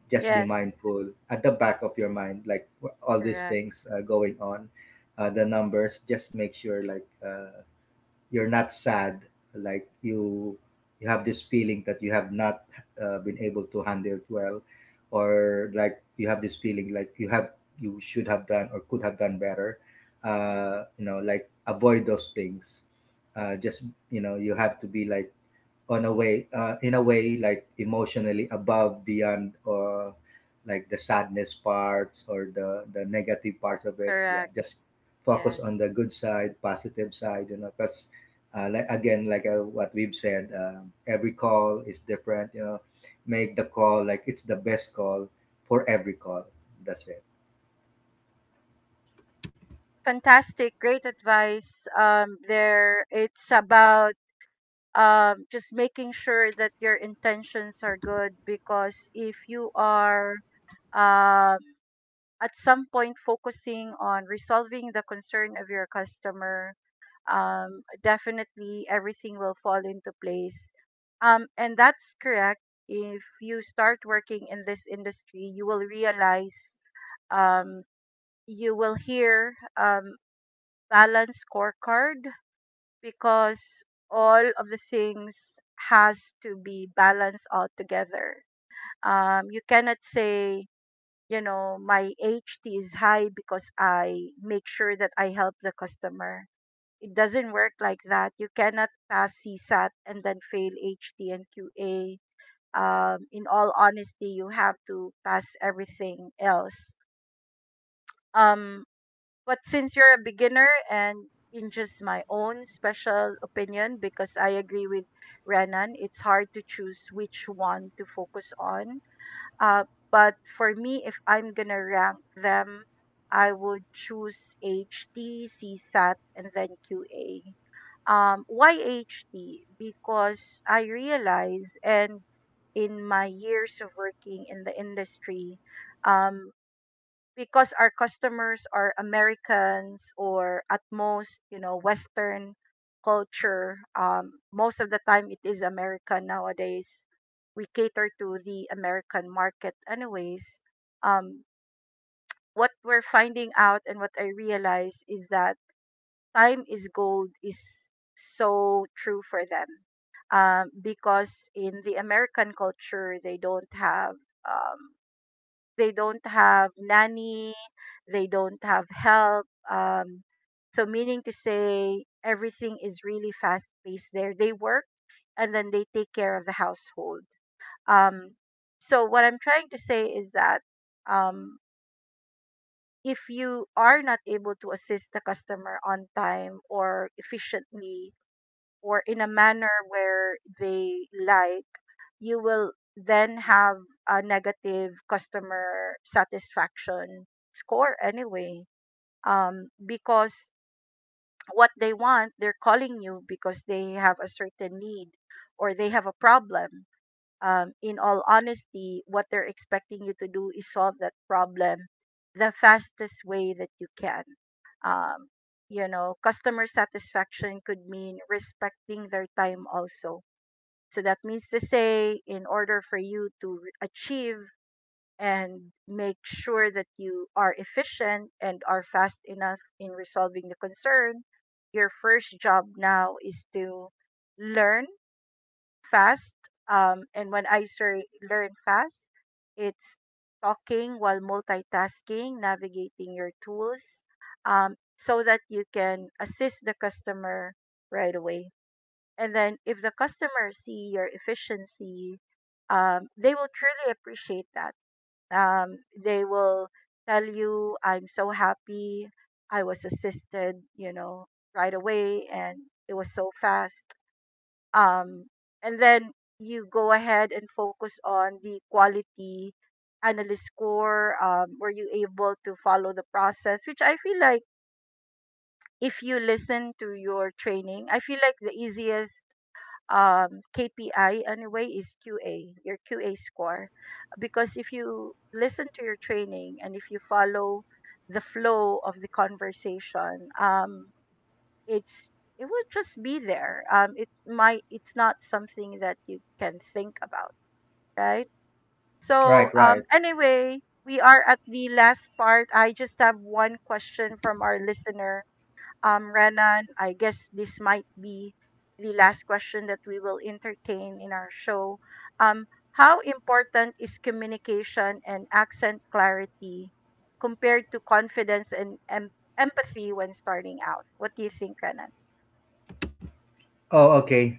just be
Yes.
mindful at the back of your mind, like wh- all these
Correct.
things uh, going on, uh, the numbers. Just make sure like uh, you're not sad, like you you have this feeling that you have not uh, been able to handle it well, or like you have this feeling like you have, you should have done or could have done better. Uh, you know, like avoid those things. Uh, just, you know, you have to be like on a way uh, in a way like emotionally above beyond or like the sadness parts or the the negative parts of it, yeah,
Correct.
just focus
Yes.
on the good side, positive side, you know, because uh, like again like uh, what we've said, um, every call is different, you know. Make the call like it's the best call for every call. That's it.
Fantastic. Great advice. Um, there, it's about um, just making sure that your intentions are good because if you are um, at some point focusing on resolving the concern of your customer, um, definitely everything will fall into place. Um, and that's correct. If you start working in this industry, you will realize um, you will hear um, balance scorecard because all of the things has to be balanced out together. Um, you cannot say, you know, my H T is high because I make sure that I help the customer. It doesn't work like that. You cannot pass CSAT and then fail H T and Q A. Um, in all honesty, you have to pass everything else. Um, but since you're a beginner and in just my own special opinion, because I agree with Renan, it's hard to choose which one to focus on. Uh, but for me, if I'm gonna rank them, I would choose H T C Sat and then Q A. Um, why H T? Because I realize, and in my years of working in the industry, um, because our customers are Americans or at most, you know, Western culture. Um, most of the time, it is American nowadays. We cater to the American market, anyways. Um, what we're finding out and what I realize is that time is gold is so true for them. Um, because in the American culture, they don't have um, they don't have nanny, they don't have help. Um, so meaning to say, everything is really fast paced there. They work and then they take care of the household. Um, so what I'm trying to say is that um, if you are not able to assist the customer on time or efficiently, or in a manner where they like, you will then have a negative customer satisfaction score anyway. Um, because what they want, they're calling you because they have a certain need or they have a problem. Um, in all honesty, what they're expecting you to do is solve that problem the fastest way that you can. Um, you know, customer satisfaction could mean respecting their time also so that means to say, in order for you to re- achieve and make sure that you are efficient and are fast enough in resolving the concern, your first job now is to learn fast. Um, and when I say learn fast, it's talking while multitasking, navigating your tools, um, so that you can assist the customer right away. And then if the customers see your efficiency, um, they will truly appreciate that. Um, they will tell you, I'm so happy. I was assisted, you know, right away and it was so fast. Um, and then you go ahead and focus on the quality analyst score. Um, were you able to follow the process? Which I feel like if you listen to your training, I feel like the easiest um, K P I anyway is Q A, your Q A score. Because if you listen to your training and if you follow the flow of the conversation, um, it's it will just be there. Um, it's my it's not something that you can think about, right? So
Right,
um,
right.
anyway, we are at the last part. I just have one question from our listener um, Renan, I guess this might be the last question that we will entertain in our show. Um, how important is communication and accent clarity compared to confidence and em- empathy when starting out? What do you think, Renan?
Oh, okay.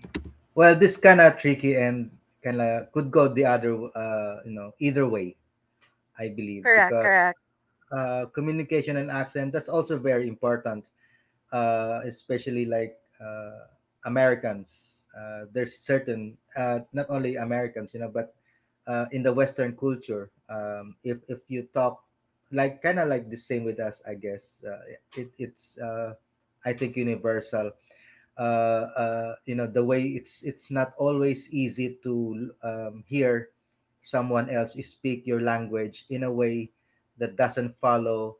Well, this kind of tricky and kind of could go the other, uh, you know, either way I believe,
Correct,
because
correct,
uh, communication and accent, that's also very important, uh, especially like uh, Americans. Uh, there's certain, uh, not only Americans, you know, but uh, in the Western culture, um, if if you talk like kind of like the same with us, I guess uh, it, it's uh, I think universal. Uh, uh, you know, the way it's it's not always easy to um, hear someone else speak your language in a way that doesn't follow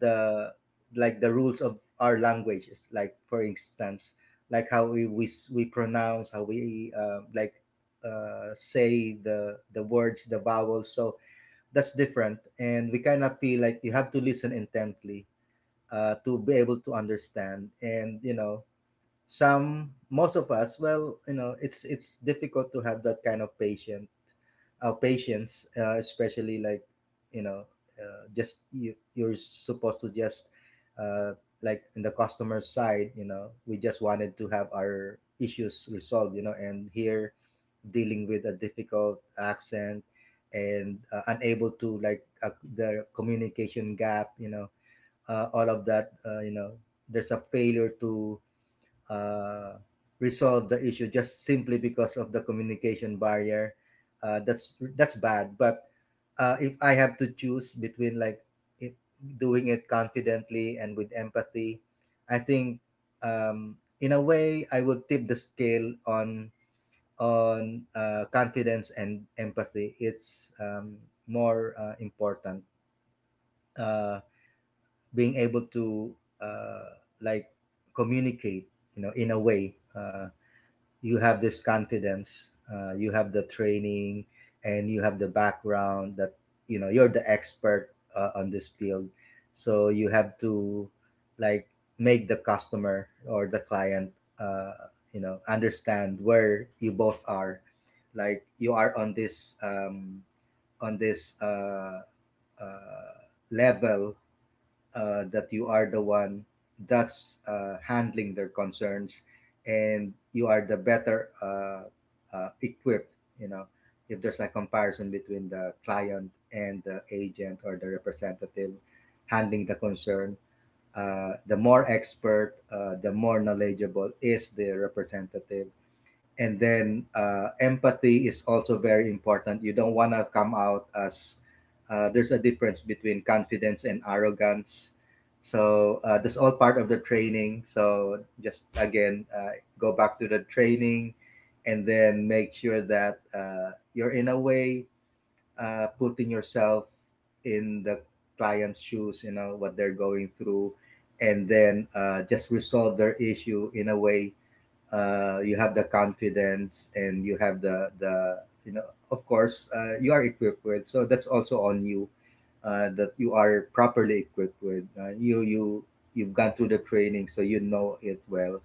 the like the rules of our languages, like for instance like how we we, we pronounce, how we uh, like uh, say the the words, the vowels. So that's different, and we kind of feel like you have to listen intently uh, to be able to understand, and you know some, most of us, well, you know, it's it's difficult to have that kind of patience, our patients, uh, especially like you know, uh, just you, you're supposed to just uh, like in the customer side, you know, we just wanted to have our issues resolved, you know, and here dealing with a difficult accent and uh, unable to like uh, the communication gap, you know, uh, all of that, uh, you know, there's a failure to uh, resolve the issue just simply because of the communication barrier, uh, that's that's bad. But uh, if I have to choose between like if doing it confidently and with empathy, I think um, in a way, I would tip the scale on on uh, confidence, and empathy, it's um, more uh, important. uh, Being able to uh, like communicate, you know, in a way uh, you have this confidence, uh, you have the training and you have the background that, you know, you're the expert uh, on this field, so you have to like make the customer or the client uh, you know understand where you both are, like you are on this um, on this uh, uh, level uh, that you are the one that's uh, handling their concerns, and you are the better uh, uh, equipped, you know, if there's a comparison between the client and the agent or the representative handling the concern, uh, the more expert, uh, the more knowledgeable is the representative. And then uh, empathy is also very important. You don't want to come out as, uh, there's a difference between confidence and arrogance. So uh, that's all part of the training. So just again uh, go back to the training, and then make sure that uh, you're in a way uh, putting yourself in the client's shoes, you know, what they're going through, and then uh, just resolve their issue in a way uh, you have the confidence, and you have the the you know, of course uh, you are equipped with. So that's also on you, uh, that you are properly equipped with, uh, you you you've gone through the training, so you know it well.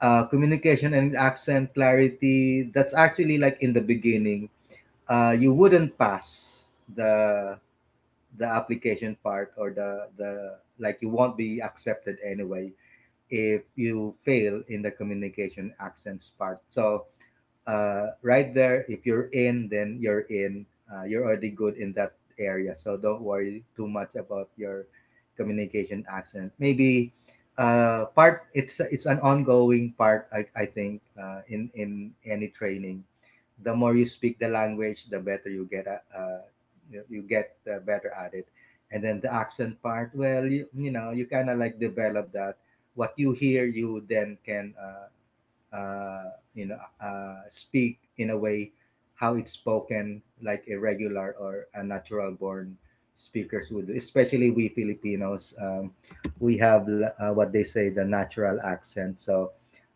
uh, Communication and accent clarity, that's actually like in the beginning, uh, you wouldn't pass the the application part or the the like you won't be accepted anyway if you fail in the communication accents part. So uh, right there. If you're in, then you're in. Uh, you're already good in that area, so don't worry too much about your communication accent. Maybe uh, part it's it's an ongoing part. I, I think uh, in in any training, the more you speak the language, the better you get. At- Uh, you, you get uh, better at it. And then the accent part, well, you, you know, you kind of like develop that. What you hear, you then can uh, uh, you know, uh, speak in a way how it's spoken, like a regular or a natural born speakers would do. Especially we Filipinos, um, we have uh, what they say the natural accent. So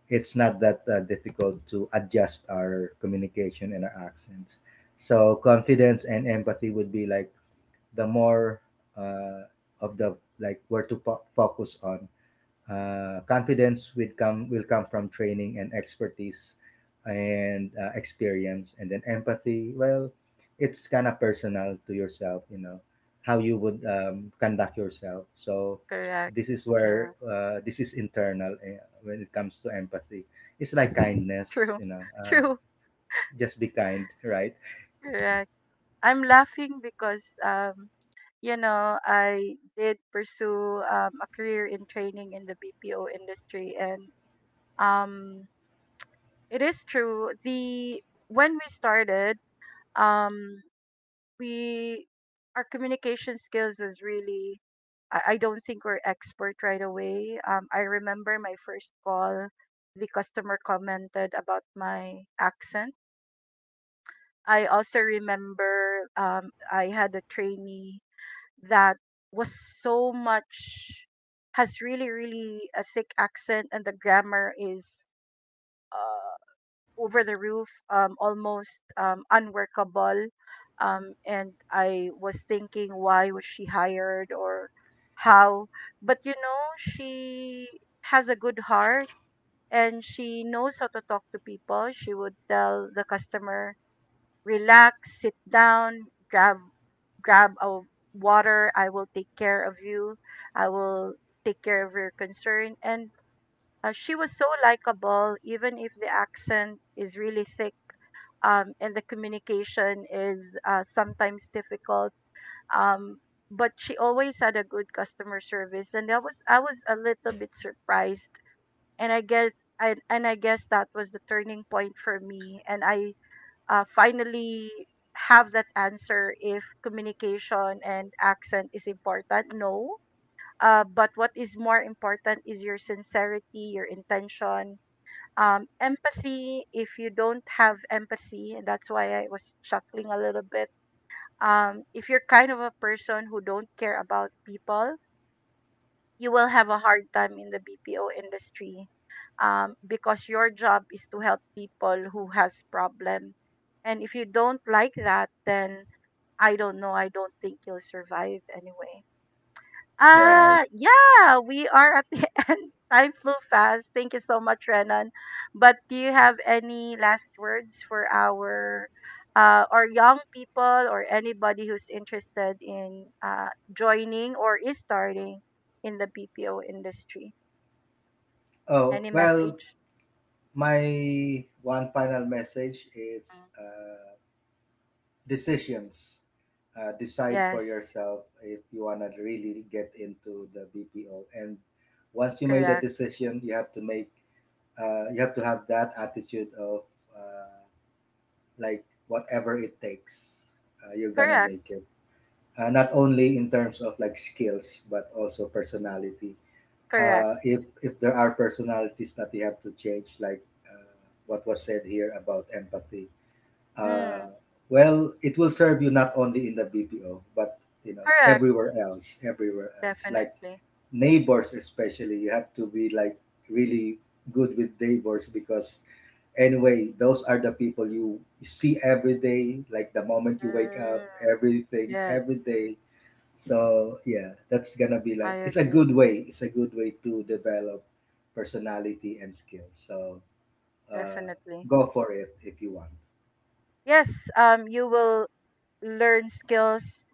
it's not that uh, difficult to adjust our communication and our accents. So confidence and empathy would be like the more uh, of the like where to po- focus on. Uh, confidence will come, will come from training and expertise and uh, experience, and then empathy. Well, it's kind of personal to yourself, you know, how you would um, conduct yourself. So
correct.
this is where
Yeah.
uh, this is internal, eh, when it comes to empathy. It's like kindness,
True,
you know. Uh,
true,
just be kind, right?
correct. I'm laughing because um, you know, I did pursue um, a career in training in the B P O industry, and Um, it is true. The When we started, um, we our communication skills was really. I, I don't think we're expert right away. Um, I remember my first call. The customer commented about my accent. I also remember um, I had a trainee that was so much has really really a thick accent and the grammar is uh, over the roof, um, almost um, unworkable. Um, and I was thinking, why was she hired or how? But you know, she has a good heart and she knows how to talk to people. She would tell the customer, relax, sit down, grab grab a water. I will take care of you. I will take care of your concern. And uh, she was so likable, even if the accent is really thick um, and the communication is uh, sometimes difficult. Um, but she always had a good customer service, and I was I was a little bit surprised. And I guess I, and I guess that was the turning point for me, and I uh, finally have that answer if communication and accent is important. No. Uh, but what is more important is your sincerity, your intention, um, empathy if you don't have empathy and that's why I was chuckling a little bit, um, if you're kind of a person who don't care about people you will have a hard time in the BPO industry, um, because your job is to help people who has problem and if you don't like that then I don't know, I don't think you'll survive anyway.
Right.
Uh, yeah, we are at the end. Time flew fast. Thank you so much, Renan. But do you have any last words for our uh, or young people or anybody who's interested in uh, joining or is starting in the B P O industry?
Oh
Any
well,
message?
my one final message is.
Mm.
Uh, decisions. Uh, decide
Yes,
for yourself if you want to really get into the B P O. And once you made a
correct,
decision, you have to make, uh, you have to have that attitude of uh, like whatever it takes, uh, you're gonna
correct,
make it. Uh, not only in terms of like skills, but also personality.
correct.
Uh, if if there are personalities that you have to change, like uh, what was said here about empathy, uh,
Mm,
well, it will serve you not only in the B P O, but you know
correct,
everywhere else, everywhere else. Like
definitely.
neighbors, especially, you have to be like really good with neighbors because anyway, those are the people you see every day. Like the moment you wake up,
Mm,
everything, every
yes,
day. So yeah, that's gonna be
I
like it's a good
agree,
way. It's a good way to develop personality and skills. So uh,
definitely.
go for it if you want.
Yes, um, you will learn skills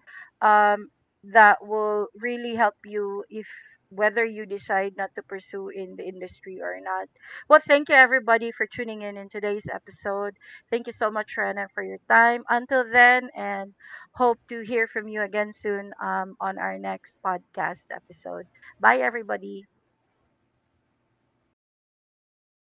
um, that will really help you if whether you decide not to pursue in the industry or not. Well, thank you everybody for tuning in in today's episode. Thank you so much, Rana, for your time. Until then, and hope to hear from you again soon um, on our next podcast episode. Bye, everybody.